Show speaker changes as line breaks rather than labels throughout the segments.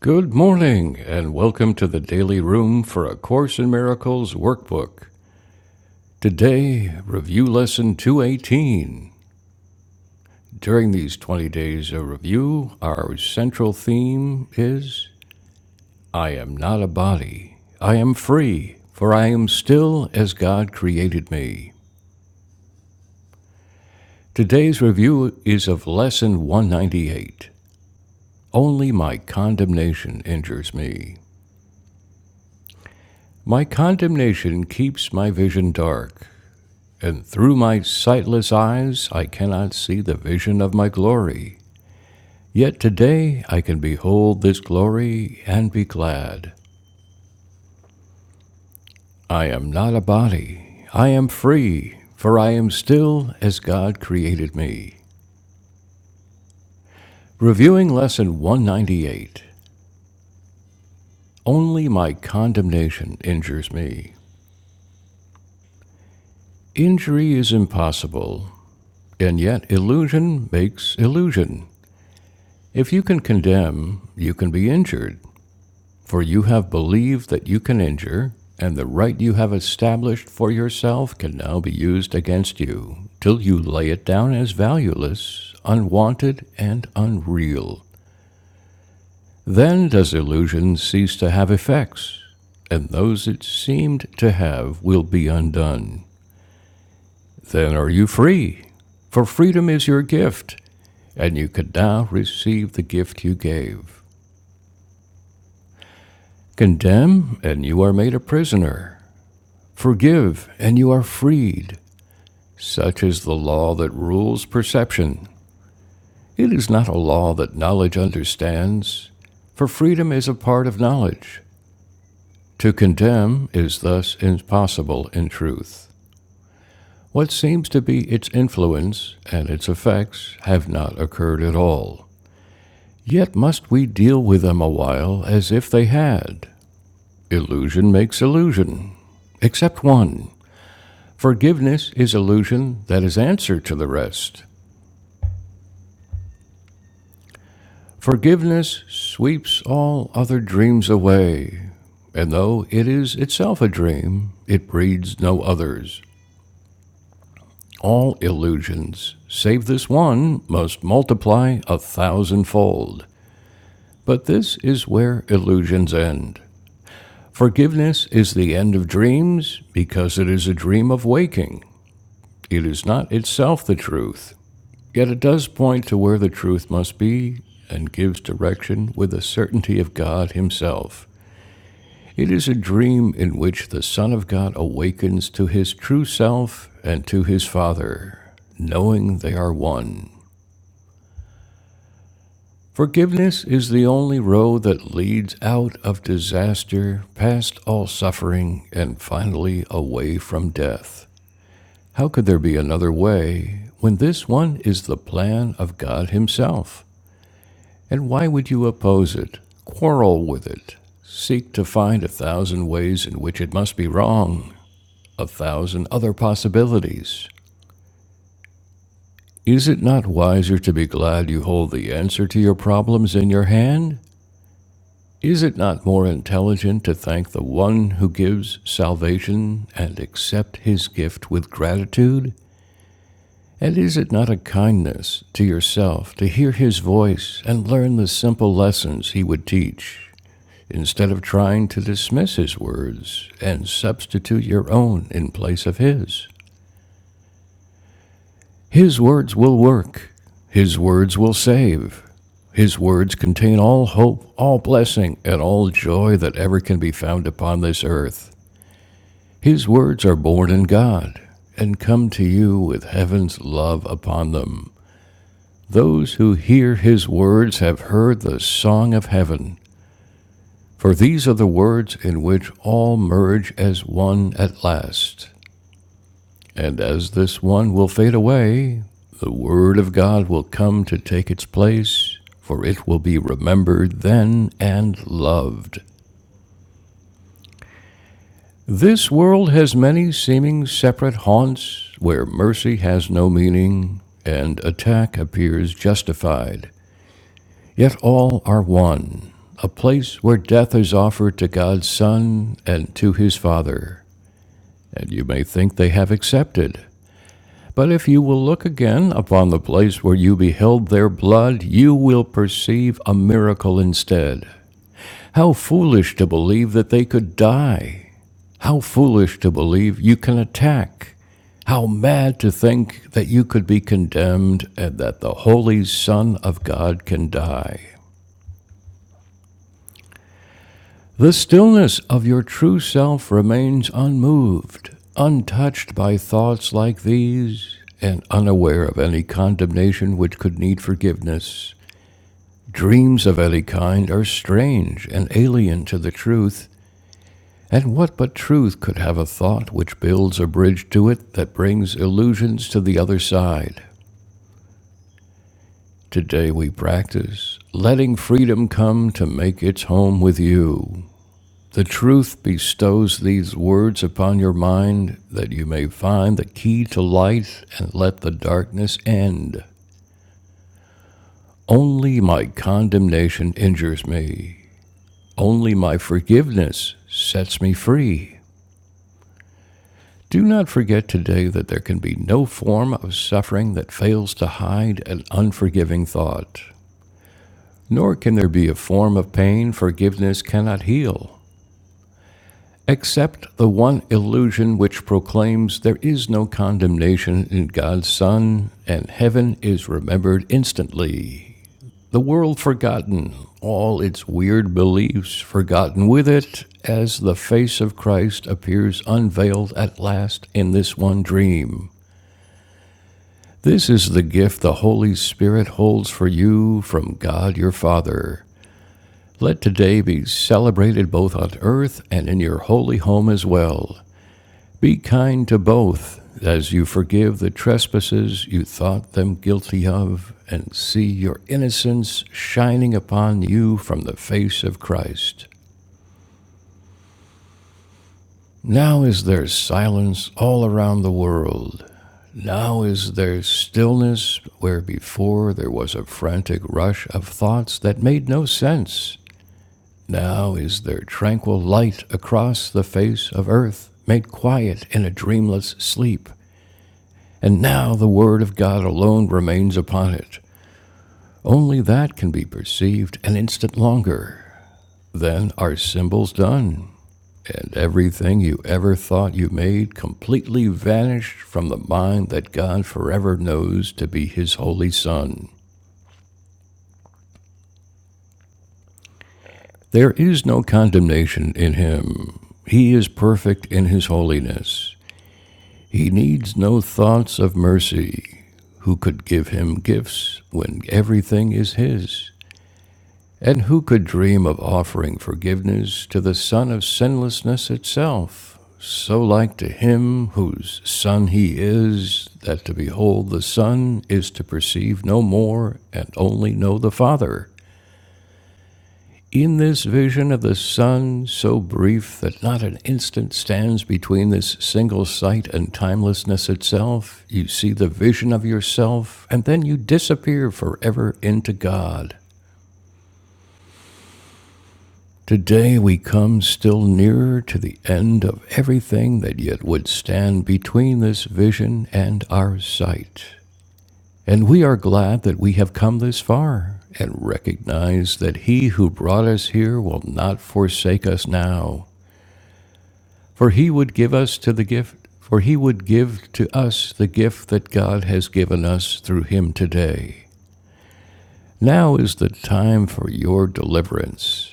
Good morning, and welcome to the Daily Room for A Course in Miracles workbook. Today, review lesson 218. During these 20 days of review, our central theme is I am not a body. I am free, for I am still as God created me. Today's review is of lesson 198. Only my condemnation injures me. My condemnation keeps my vision dark, And through my sightless eyes I cannot see the vision of my glory. Yet today I can behold this glory and be glad. I am not a body. I am free, for I am still as God created me. Reviewing Lesson 198 Only my condemnation injures me. Injury is impossible, and yet illusion makes illusion. If you can condemn, you can be injured. For you have believed that you can injure, and the right you have established for yourself can now be used against you, till you lay it down as valueless, unwanted, and unreal. Then does illusion cease to have effects, and those it seemed to have will be undone. Then are you free, for freedom is your gift, and you can now receive the gift you gave. Condemn, and you are made a prisoner. Forgive, and you are freed. Such is the law that rules perception. It is not a law that knowledge understands, for freedom is a part of knowledge. To condemn is thus impossible in truth. What seems to be its influence and its effects have not occurred at all. Yet must we deal with them a while as if they had. Illusion makes illusion, except one, Forgiveness is illusion that is answer to the rest. Forgiveness sweeps all other dreams away, and though it is itself a dream, it breeds no others. All illusions, save this one, must multiply a thousandfold. But this is where illusions end. Forgiveness is the end of dreams because it is a dream of waking. It is not itself the truth. Yet it does point to where the truth must be and gives direction with the certainty of God Himself. It is a dream in which the Son of God awakens to His true self and to His Father, knowing they are one. Forgiveness is the only road that leads out of disaster, past all suffering, and finally away from death. How could there be another way when this one is the plan of God Himself? And why would you oppose it, quarrel with it, seek to find a thousand ways in which it must be wrong, a thousand other possibilities? Is it not wiser to be glad you hold the answer to your problems in your hand? Is it not more intelligent to thank the one who gives salvation and accept his gift with gratitude? And is it not a kindness to yourself to hear his voice and learn the simple lessons he would teach? instead of trying to dismiss his words and substitute your own in place of his. His words will work. His words will save. His words contain all hope, all blessing, and all joy that ever can be found upon this earth. His words are born in God and come to you with heaven's love upon them. Those who hear his words have heard the song of heaven For these are the words in which all merge as one at last. And as this one will fade away, the Word of God will come to take its place, for it will be remembered then and loved. This world has many seeming separate haunts where mercy has no meaning and attack appears justified. Yet all are one, a place where death is offered to God's Son and to his Father and you may think they have accepted. But if you will look again upon the place where you beheld their blood, you will perceive a miracle instead. How foolish to believe that they could die! How foolish to believe you can attack! How mad to think that you could be condemned and that the Holy Son of God can die! The stillness of your true self remains unmoved, untouched by thoughts like these, and unaware of any condemnation which could need forgiveness. Dreams of any kind are strange and alien to the truth, and what but truth could have a thought which builds a bridge to it that brings illusions to the other side? Today we practice letting freedom come to make its home with you. The truth bestows these words upon your mind that you may find the key to light and let the darkness end. Only my condemnation injures me. Only my forgiveness sets me free. Do not forget today that there can be no form of suffering that fails to hide an unforgiving thought. Nor can there be a form of pain forgiveness cannot heal. except the one illusion which proclaims there is no condemnation in God's Son, and heaven is remembered instantly. The world forgotten, all its weird beliefs forgotten with it, as the face of Christ appears unveiled at last in this one dream. This is the gift the Holy Spirit holds for you from God your Father. Let today be celebrated both on earth and in your holy home as well. Be kind to both, as you forgive the trespasses you thought them guilty of, and see your innocence shining upon you from the face of Christ. Now is there silence all around the world. Now is there stillness where before there was a frantic rush of thoughts that made no sense. Now is there tranquil light across the face of earth, made quiet in a dreamless sleep. And now the Word of God alone remains upon it. Only that can be perceived an instant longer. Then are symbols done, and everything you ever thought you made completely vanished from the mind that God forever knows to be His Holy Son. There is no condemnation in Him. He is perfect in His holiness. He needs no thoughts of mercy. Who could give Him gifts when everything is His? And who could dream of offering forgiveness to the Son of sinlessness itself, so like to him whose Son he is, that to behold the Son is to perceive no more and only know the Father? In this vision of the Son, so brief that not an instant stands between this single sight and timelessness itself, you see the vision of yourself, and then you disappear forever into God. Today we come still nearer to the end of everything that yet would stand between this vision and our sight. And we are glad that we have come this far and recognize that He who brought us here will not forsake us now, for He would give us to the gift. For he would give to us the gift that God has given us through him today. Now is the time for your deliverance.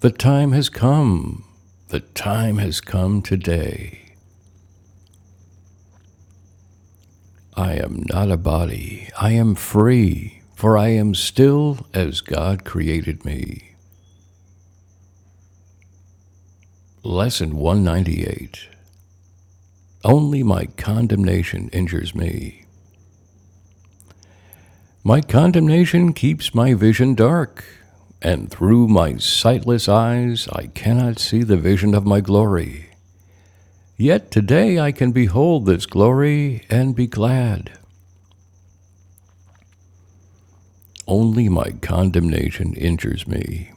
The time has come. The time has come today. I am not a body. I am free, for I am still as God created me. Lesson 198. Only my condemnation injures me. My condemnation keeps my vision dark, and through my sightless eyes I cannot see the vision of my glory. Yet today I can behold this glory and be glad. Only my condemnation injures me.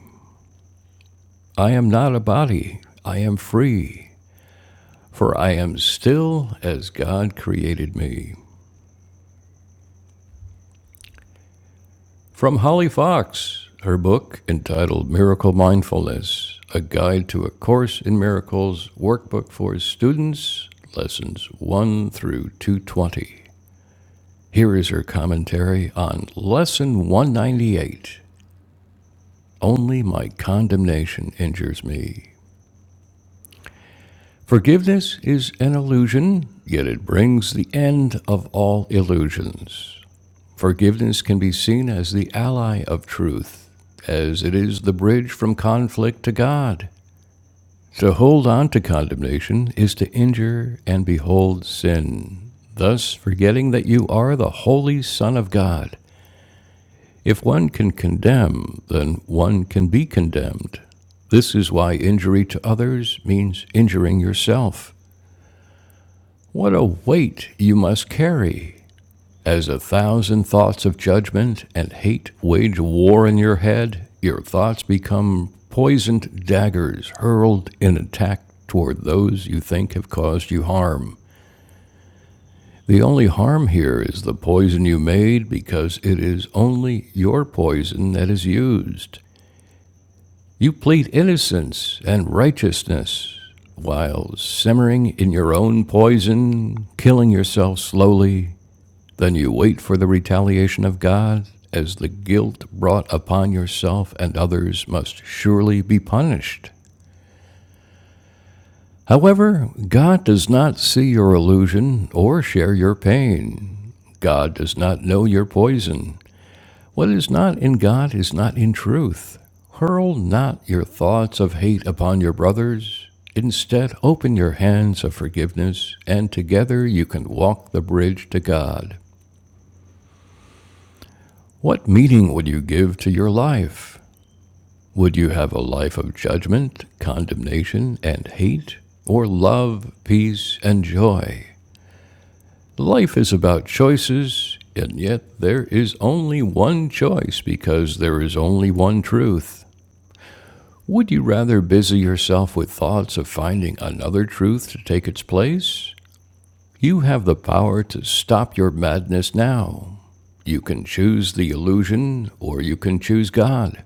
I am not a body, I am free, for I am still as God created me. From Holly Fox, her book entitled Miracle Mindfulness A Guide to a Course in Miracles, Workbook for Students, Lessons 1 through 220. Here is her commentary on Lesson 198 Only My Condemnation Injures Me. Forgiveness is an illusion, yet it brings the end of all illusions. Forgiveness can be seen as the ally of truth, as it is the bridge from conflict to God. To hold on to condemnation is to injure and behold sin, thus forgetting that you are the holy Son of God. If one can condemn, then one can be condemned. This is why injury to others means injuring yourself. What a weight you must carry as a thousand thoughts of judgment and hate wage war in your head. Your thoughts become poisoned daggers hurled in attack toward those you think have caused you harm. The only harm here is the poison you made because it is only your poison that is used. You plead innocence and righteousness while simmering in your own poison, killing yourself slowly Then you wait for the retaliation of God, as the guilt brought upon yourself and others must surely be punished. However, God does not see your illusion or share your pain. God does not know your poison. What is not in God is not in truth. Hurl not your thoughts of hate upon your brothers. Instead, open your hands of forgiveness, and together you can walk the bridge to God. What meaning would you give to your life? Would you have a life of judgment, condemnation, and hate, or love, peace, and joy? Life is about choices, and yet there is only one choice because there is only one truth. Would you rather busy yourself with thoughts of finding another truth to take its place? You have the power to stop your madness now. You can choose the illusion or you can choose God.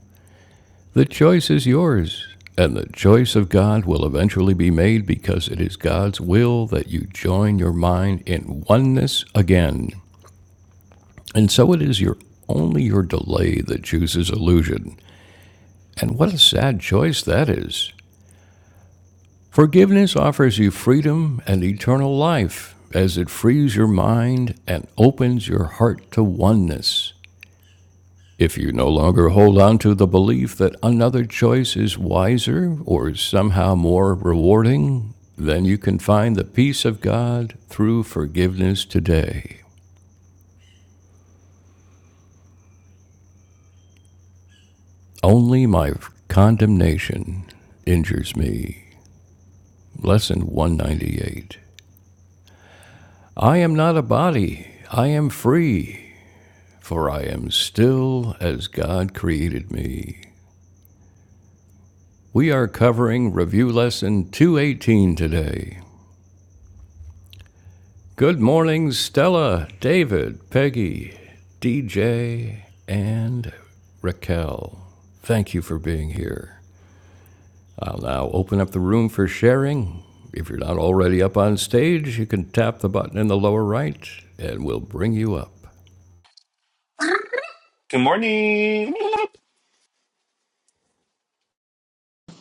The choice is yours, and the choice of God will eventually be made because it is God's will that you join your mind in oneness again. And so it is your only your delay that chooses illusion. And what a sad choice that is. Forgiveness offers you freedom and eternal life as it frees your mind and opens your heart to oneness. If you no longer hold on to the belief that another choice is wiser or somehow more rewarding, then you can find the peace of God through forgiveness today. Only my condemnation injures me. Lesson 198. I am not a body, I am free, for I am still as God created me. We are covering review lesson 218 today. Good morning, Stella, David, Peggy, DJ, and Raquel. Thank you for being here. I'll now open up the room for sharing. If you're not already up on stage, you can tap the button in the lower right and we'll bring you up.
Good morning.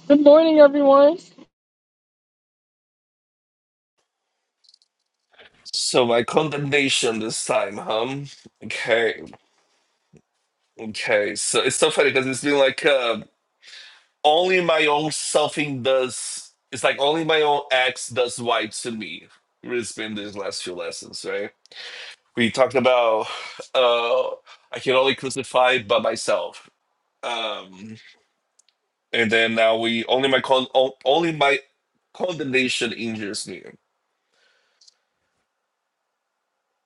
Good morning, everyone.
So my condemnation this time, huh? Okay, okay. So it's so funny because it's been like uh, only my own selfing does. It's like only my own ex does white to me. It's been these last few lessons, right? We talked about uh, I can only crucify but myself, um, and then now we only my con- o- only my condemnation injures me.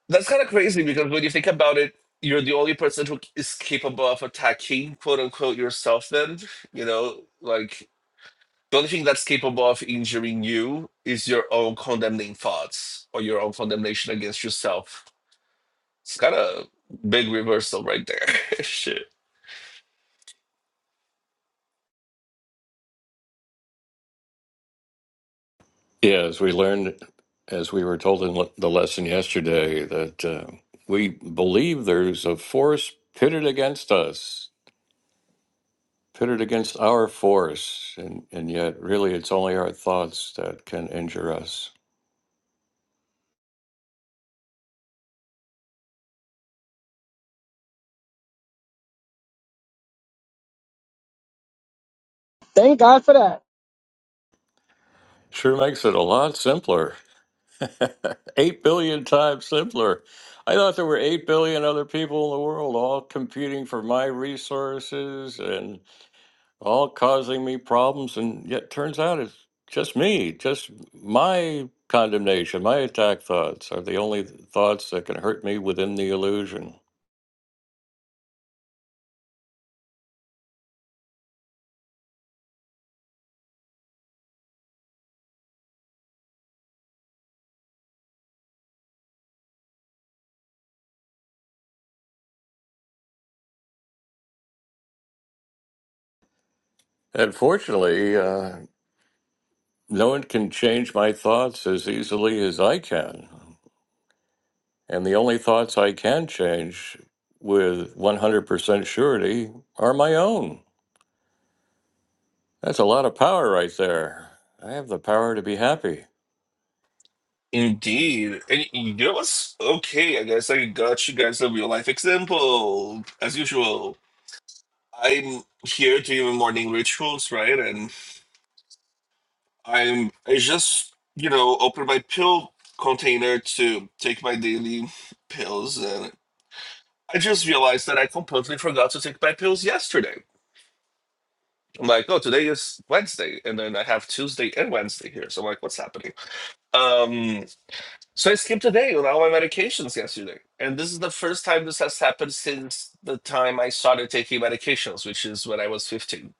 That's kind of crazy because when you think about it, you're the only person who is capable of attacking, quote unquote, yourself, then, you know, like the only thing that's capable of injuring you is your own condemning thoughts or your own condemnation against yourself. It's kind of big reversal right there. Shit.
Yeah, as we learned, as we were told in le- the lesson yesterday, that uh, we believe there's a force pitted against us pitted against our force, and, and yet really it's only our thoughts that can injure us.
Thank God for that.
Sure makes it a lot simpler. 8 billion times simpler. I thought there were 8 billion other people in the world all competing for my resources and all causing me problems, and yet turns out it's just me, just my condemnation, my attack thoughts are the only thoughts that can hurt me within the illusion. And fortunately, uh, No one can change my thoughts as easily as I can. And the only thoughts I can change with 100% surety are my own. That's a lot of power right there. I have the power to be happy.
Indeed. And you know what's okay? I guess I got you guys a real life example, as usual. I'm here doing morning rituals, right? and I'm I just you know open my pill container to take my daily pills, and I just realized that I completely forgot to take my pills yesterday. I'm like, oh, today is Wednesday, and then I have Tuesday and Wednesday here. So I'm like, what's happening? Um, so I skipped a day on all my medications yesterday, and this is the first time this has happened since the time I started taking medications, which is when I was 15.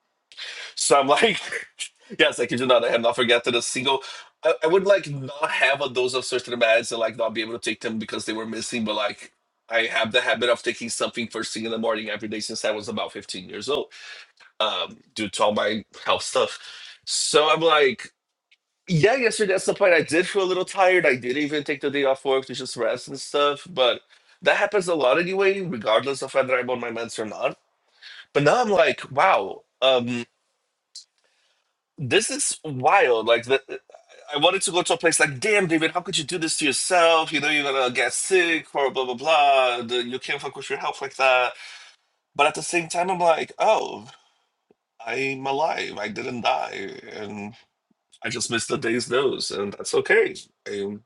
So I'm like, yes, I kid you not, I have not forgotten a single. I, I would like not have a dose of certain meds and like not be able to take them because they were missing, but like I have the habit of taking something first thing in the morning every day since I was about 15 years old, um, due to all my health stuff. So I'm like, yeah, yesterday that's the point. I did feel a little tired. I did even take the day off work to just rest and stuff, but that happens a lot anyway, regardless of whether I'm on my meds or not. But now I'm like, wow. Um, This is wild. Like the, I wanted to go to a place like, damn, David, how could you do this to yourself? You know, you're gonna get sick or blah blah blah. The, you can't fuck with your health like that. But at the same time, I'm like, oh, I'm alive. I didn't die, and I just missed a day's dose, and that's okay. I,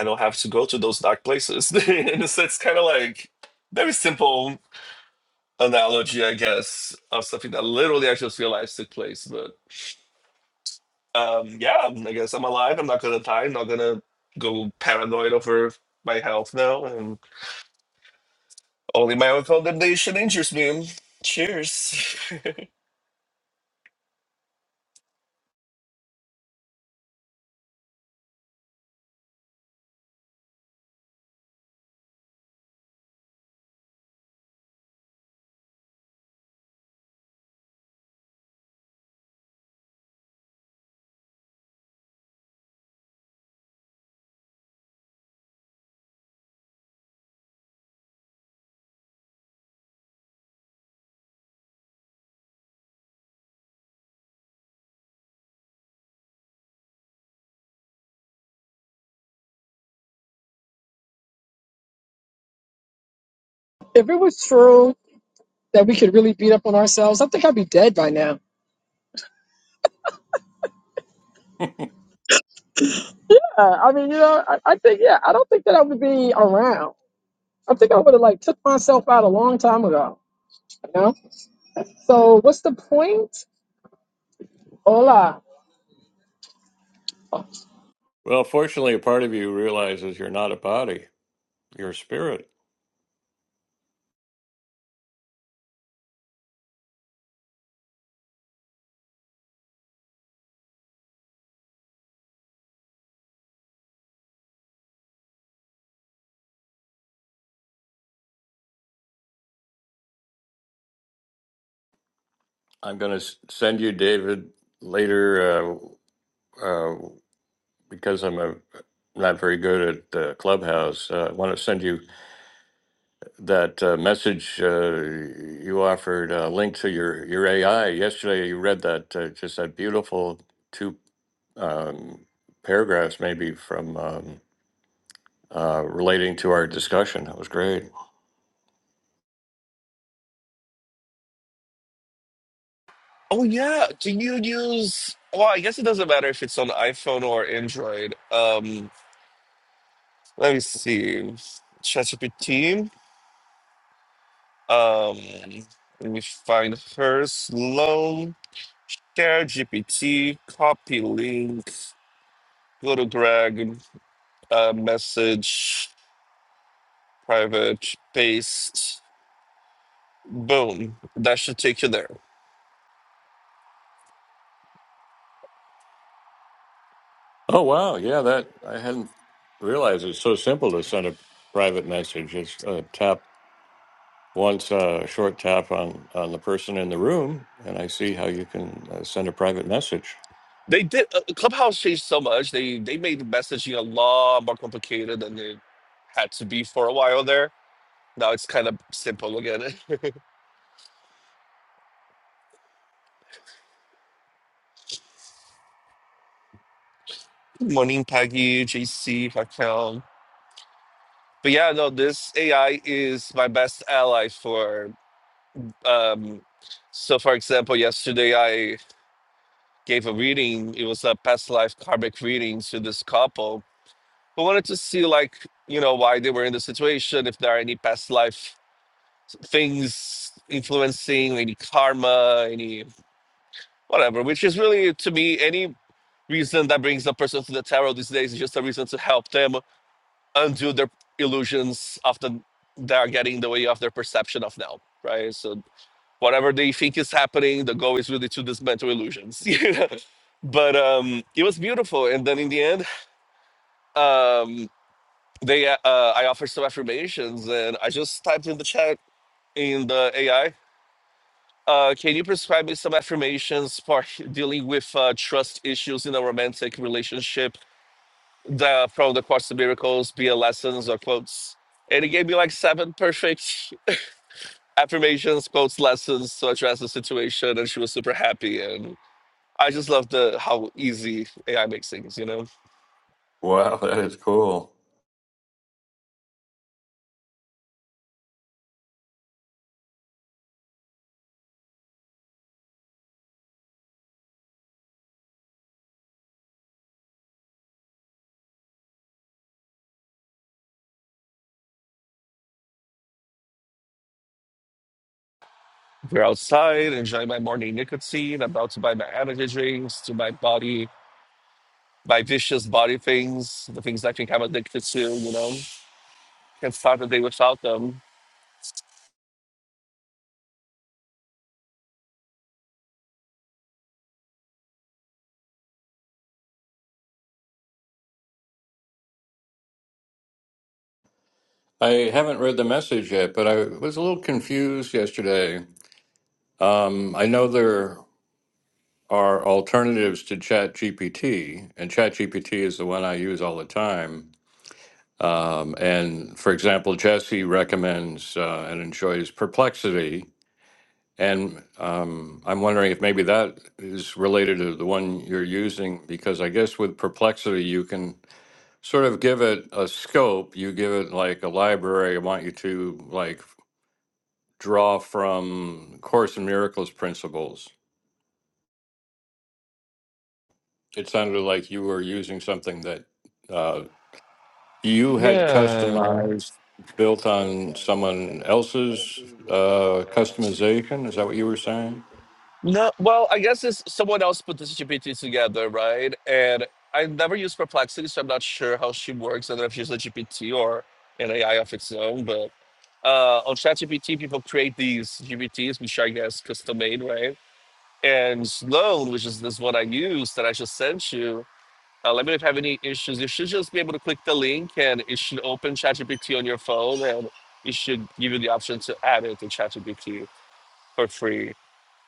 I don't have to go to those dark places. and it's, it's kind of like very simple analogy, I guess, of something that literally I just realized took place. but. um yeah i guess i'm alive i'm not gonna die i'm not gonna go paranoid over my health now and only my own condemnation injures me cheers
If it was true that we could really beat up on ourselves, I think I'd be dead by now. Uh, I mean, you know, I, I think, yeah, I don't think that I would be around. I think I would have like took myself out a long time ago. You know. So what's the point? Hola.
Well, fortunately, a part of you realizes you're not a body, you're a spirit. I'm going to send you, David, later uh, uh, because I'm a, not very good at uh, Clubhouse. Uh, I want to send you that uh, message uh, you offered a link to your your AI yesterday. You read that uh, just that beautiful two um, paragraphs maybe from um, uh, relating to our discussion. That was great.
oh yeah do you use well i guess it doesn't matter if it's on iphone or android um let me see chatgpt um let me find hers loan share gpt copy link go to greg uh, message private based boom that should take you there
Oh wow, yeah, that I hadn't realized it's so simple to send a private message. It's a tap once uh, a short tap on on the person in the room, and I see how you can uh, send a private message.
they did uh, clubhouse changed so much they they made messaging a lot more complicated than it had to be for a while there now it's kind of simple again Good morning peggy jc Raquel. but yeah no this ai is my best ally for um so for example yesterday i gave a reading it was a past life karmic reading to this couple We wanted to see, like, you know, why they were in the situation, if there are any past life things influencing, any karma, any whatever, which is really, to me, any reason that brings a person to the tarot these days is just a reason to help them undo their illusions after they are getting in the way of their perception of now, right? So whatever they think is happening, the goal is really to dismantle illusions. you know? but um, it was beautiful. And then in the end, um, they uh, uh, I offered some affirmations and I just typed in the chat in the AI. Uh, can you prescribe me some affirmations for dealing with uh, trust issues in a romantic relationship that from the Course of Miracles, be a lessons or quotes? And it gave me like seven perfect affirmations, quotes, lessons to address the situation, and she was super happy. And I just love the how easy AI makes things. You know,
Wow, that is cool.
we're outside, enjoying my morning nicotine, I'm about to buy my energy drinks to my body by vicious body things, the things I think I'm addicted to, you know, can not start the day without them.
I haven't read the message yet, but I was a little confused yesterday. Um, I know there are alternatives to ChatGPT, and ChatGPT is the one I use all the time. Um, and for example, Jesse recommends uh, and enjoys Perplexity. And um, I'm wondering if maybe that is related to the one you're using, because I guess with Perplexity, you can sort of give it a scope. You give it like a library. I want you to like draw from Course in Miracles principles. It sounded like you were using something that uh, you had
Yeah.
customized, built on someone else's uh, customization. Is that what you were saying?
No, well, I guess it's someone else put this GPT together, right? And I never use Perplexity, so I'm not sure how she works. I don't know if she's a GPT or an AI of its own, but uh, on ChatGPT, people create these GPTs, which I guess custom made, right? And Sloan, which is this one I use that I just sent you, Uh, let me know if you have any issues. You should just be able to click the link and it should open ChatGPT on your phone and it should give you the option to add it to ChatGPT for free.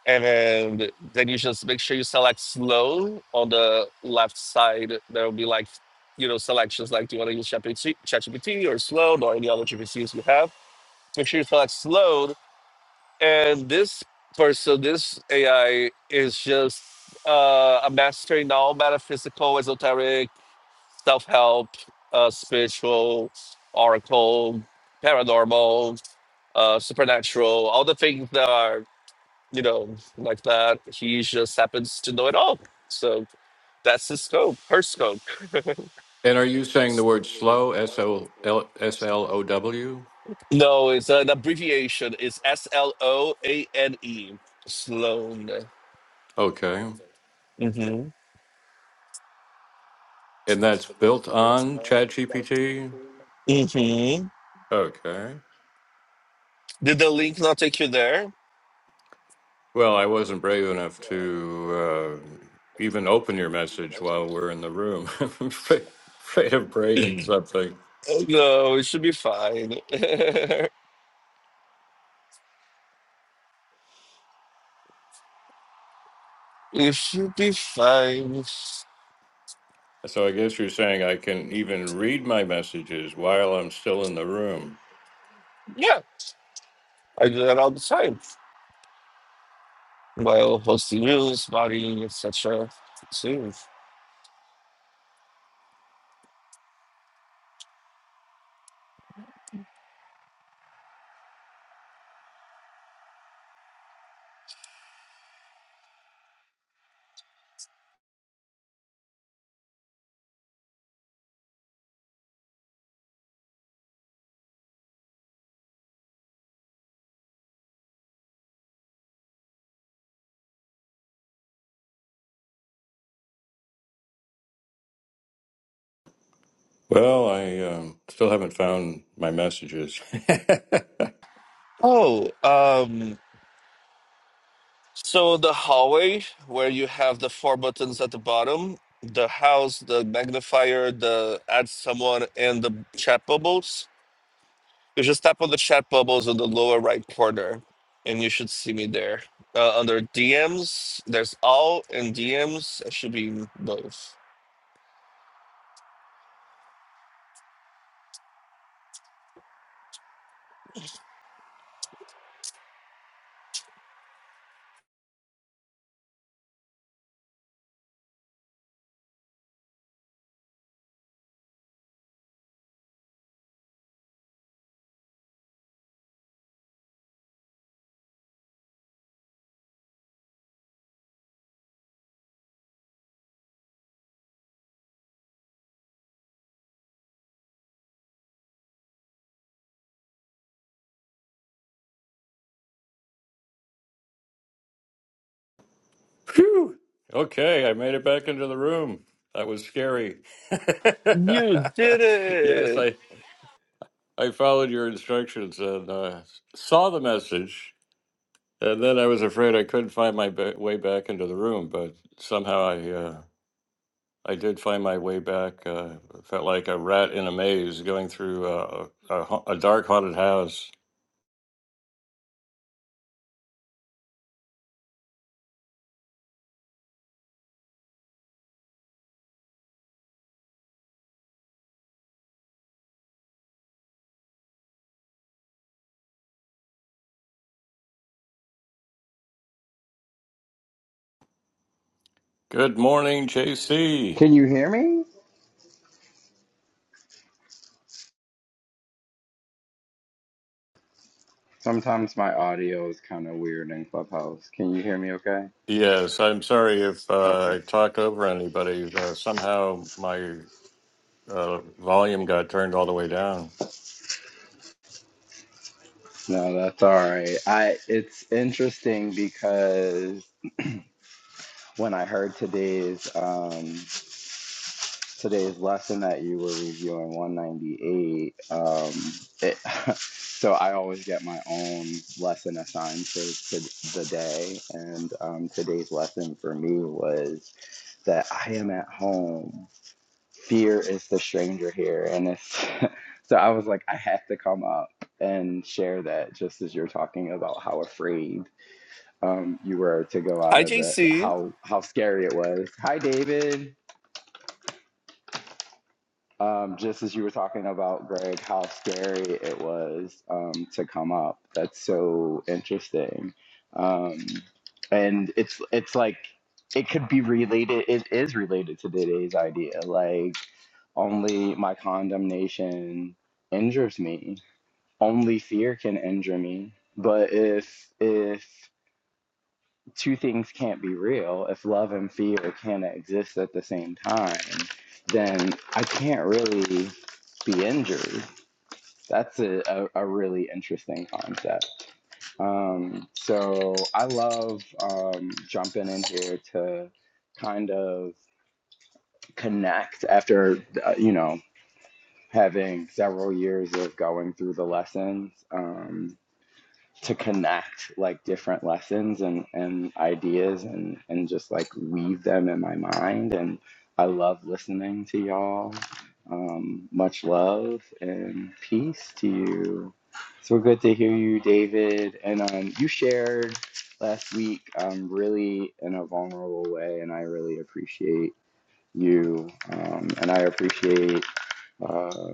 And then, then you just make sure you select slow on the left side. There will be like, you know, selections like do you want to use ChatGPT, ChatGPT or slow or any other GPTs you have. Make sure you select slow. And this person, this AI is just uh, a master in all metaphysical, esoteric, self help, uh, spiritual, oracle, paranormal, uh, supernatural, all the things that are, you know, like that. He just happens to know it all. So that's his scope, her scope.
And are you saying the word slow, S O L S L O W?
No, it's an abbreviation. It's S L O A N E, Sloan.
Okay.
Mm-hmm.
And that's built on ChatGPT?
Mm-hmm.
Okay.
Did the link not take you there?
Well, I wasn't brave enough to uh, even open your message while we're in the room. I'm afraid, afraid of breaking something.
Oh, No, it should be fine. it should be fine.
So I guess you're saying I can even read my messages while I'm still in the room.
Yeah, I do that all the time. while hosting rooms, modeling, etc. Soon.
Well, I um, still haven't found my messages.
Oh, um, so the hallway where you have the four buttons at the bottom, the house, the magnifier, the add someone, and the chat bubbles. You just tap on the chat bubbles on the lower right corner, and you should see me there. Uh, under DMs, there's all and DMs. I should be in both.
Phew. Okay, I made it back into the room. That was scary.
You did
yes,
it!
I I followed your instructions and uh, saw the message And then I was afraid I couldn't find my ba- way back into the room, but somehow I uh, I did find my way back. Uh, felt like a rat in a maze going through uh, a, ha- a dark haunted house. Good morning, JC.
Can you hear me? Sometimes my audio is kind of weird in Clubhouse. Can you hear me okay?
Yes, I'm sorry if
Okay.
uh, I talked over anybody. Uh, somehow my uh, volume got turned all the way down.
No, that's all right. I it's interesting because when I heard today's um today's lesson that you were reviewing 198 um it, so I always get my own lesson assigned for to the day and um today's lesson for me was that I am at home fear is the stranger here and it's so i was like i have to come up and share that just as you're talking about how afraid um, you were to go out
Hi,
of the
JC.
how how scary it was hi david um, just as you were talking about greg how scary it was um, to come up that's so interesting um, and it's it's like it could be related it is related to today's idea like Only my condemnation injures me. Only fear can injure me. But if if two things can't be real, if love and fear can't exist at the same time, then I can't really be injured. That's a, a, a really interesting concept. Um, so I love um, jumping in here to kind of connect after uh, you know having several years of going through the lessons um, to connect like different lessons and, and ideas and, and just like weave them in my mind. And I love listening to y'all. Um, much love and peace to you. So good to hear you, David. And um, you shared last week um, really in a vulnerable way, and I really appreciate you. Um, and I appreciate uh,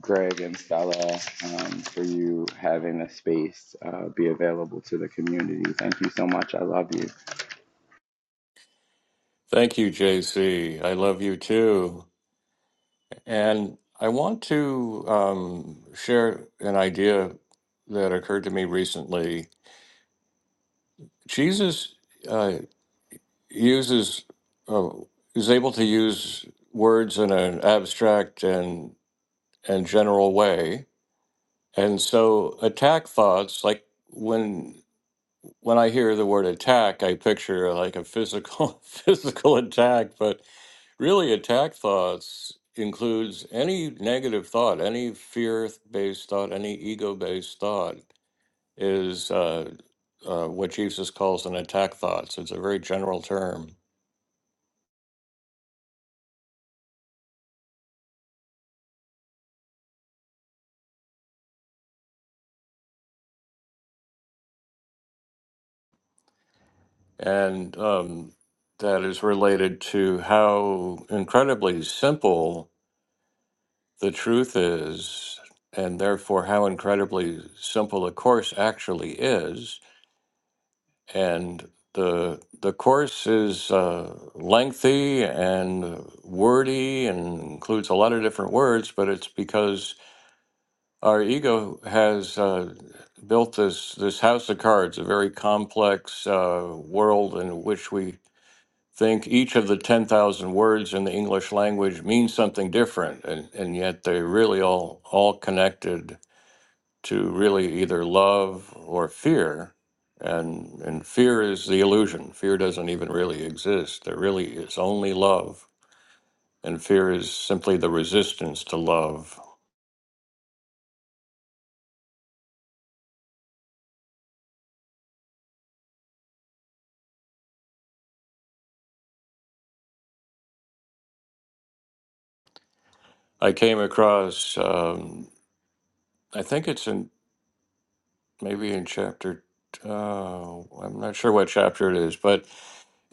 Greg and Stella, um, for you having the space uh, be available to the community. Thank you so much. I love you.
Thank you, JC. I love you too. And I want to um, share an idea that occurred to me recently. Jesus uh, uses, uh, is able to use words in an abstract and, and general way. And so attack thoughts, like when when I hear the word attack, I picture like a physical physical attack, but really attack thoughts includes any negative thought, any fear-based thought, any ego-based thought is uh, uh, what Jesus calls an attack thought. So it's a very general term, and um, that is related to how incredibly simple the truth is, and therefore how incredibly simple the course actually is and the the course is uh, lengthy and wordy and includes a lot of different words, but it's because our ego has uh, built this this house of cards, a very complex uh, world in which we think each of the 10,000 words in the English language means something different and, and yet they're really all all connected to really either love or fear and and fear is the illusion fear doesn't even really exist there really is only love and fear is simply the resistance to love i came across um, i think it's in maybe in chapter uh, i'm not sure what chapter it is but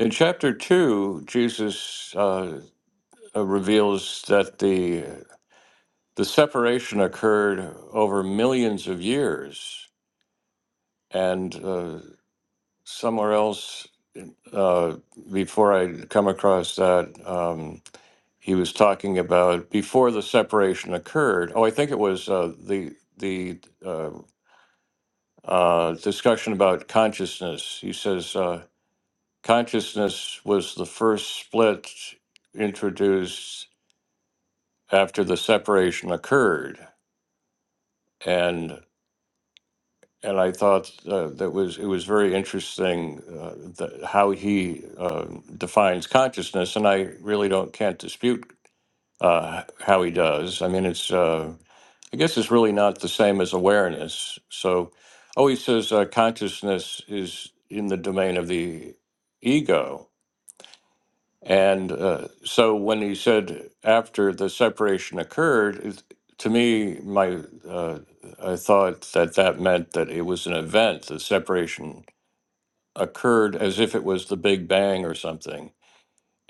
in chapter two jesus uh, uh, reveals that the the separation occurred over millions of years and uh, somewhere else uh, before I come across that. Um, he was talking about before the separation occurred. Oh, I think it was uh, the the uh, uh, discussion about consciousness. He says uh, consciousness was the first split introduced after the separation occurred, and. and I thought uh, that was it was very interesting uh, that how he uh, defines consciousness, and I really don't can't dispute uh, how he does. I mean, it's uh, I guess it's really not the same as awareness. So, oh, he says uh, consciousness is in the domain of the ego, and uh, so when he said after the separation occurred, it, to me, my uh, I thought that that meant that it was an event. The separation occurred as if it was the Big Bang or something,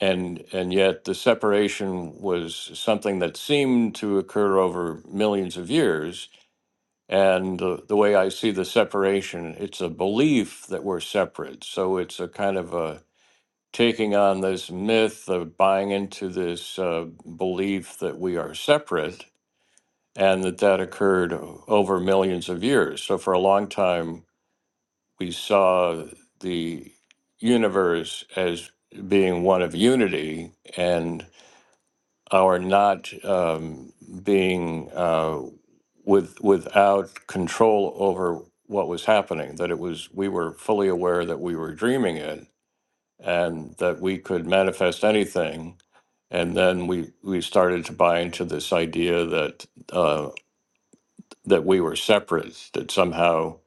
and and yet the separation was something that seemed to occur over millions of years. And the, the way I see the separation, it's a belief that we're separate. So it's a kind of a taking on this myth of buying into this uh, belief that we are separate and that that occurred o- over millions of years. So, for a long time, we saw the universe as being one of unity and our not um, being uh, with without control over what was happening that it was we were fully aware that we were dreaming it and that we could manifest anything. And then we, we started to buy into this idea that uh, that we were separate, that somehow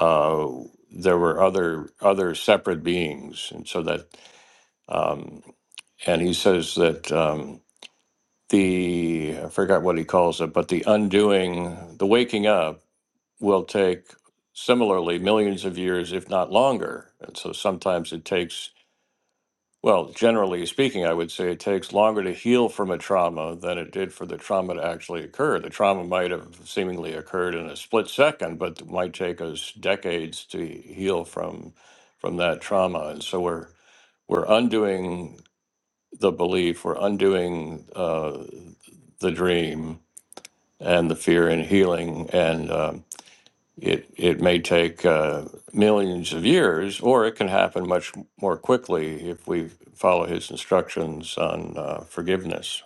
uh, there were other other separate beings, and so that um, and he says that um, the I forgot what he calls it, but the undoing, the waking up, will take similarly millions of years, if not longer. And so sometimes it takes Well, generally speaking, I would say it takes longer to heal from a trauma than it did for the trauma to actually occur. The trauma might have seemingly occurred in a split second, but it might take us decades to heal from from that trauma. And so we're we're undoing the belief, we're undoing uh, the dream and the fear and healing. And um, it it may take uh, millions of years, or it can happen much more quickly if we follow his instructions on uh, forgiveness.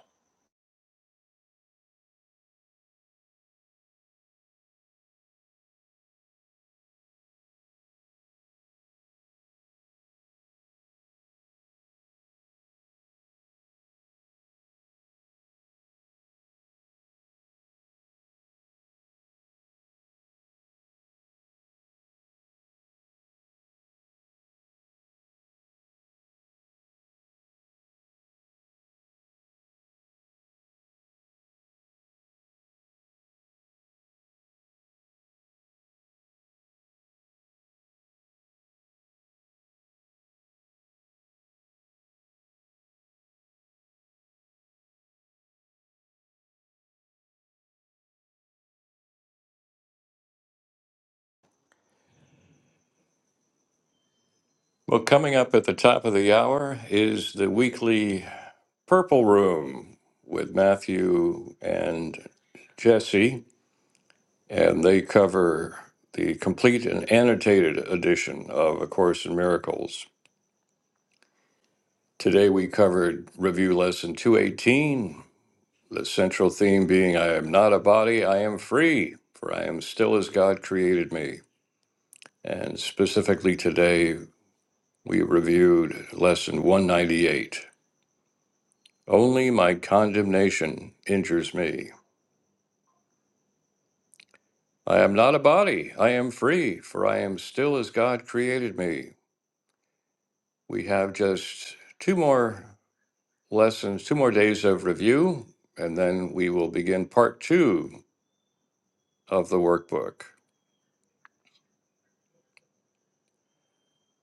Well, coming up at the top of the hour is the weekly Purple Room with Matthew and Jesse, and they cover the complete and annotated edition of A Course in Miracles. Today we covered review lesson 218 The central theme being, I am not a body, I am free, for I am still as God created me. And specifically today, we reviewed lesson 198 Only my condemnation injures me. I am not a body, I am free, for I am still as God created me. We have just two more lessons, two more days of review, and then we will begin part two of the workbook.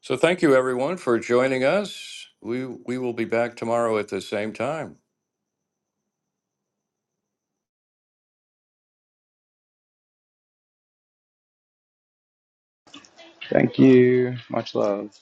So thank you everyone for joining us. We we will be back tomorrow at the same time.
Thank you. Much love.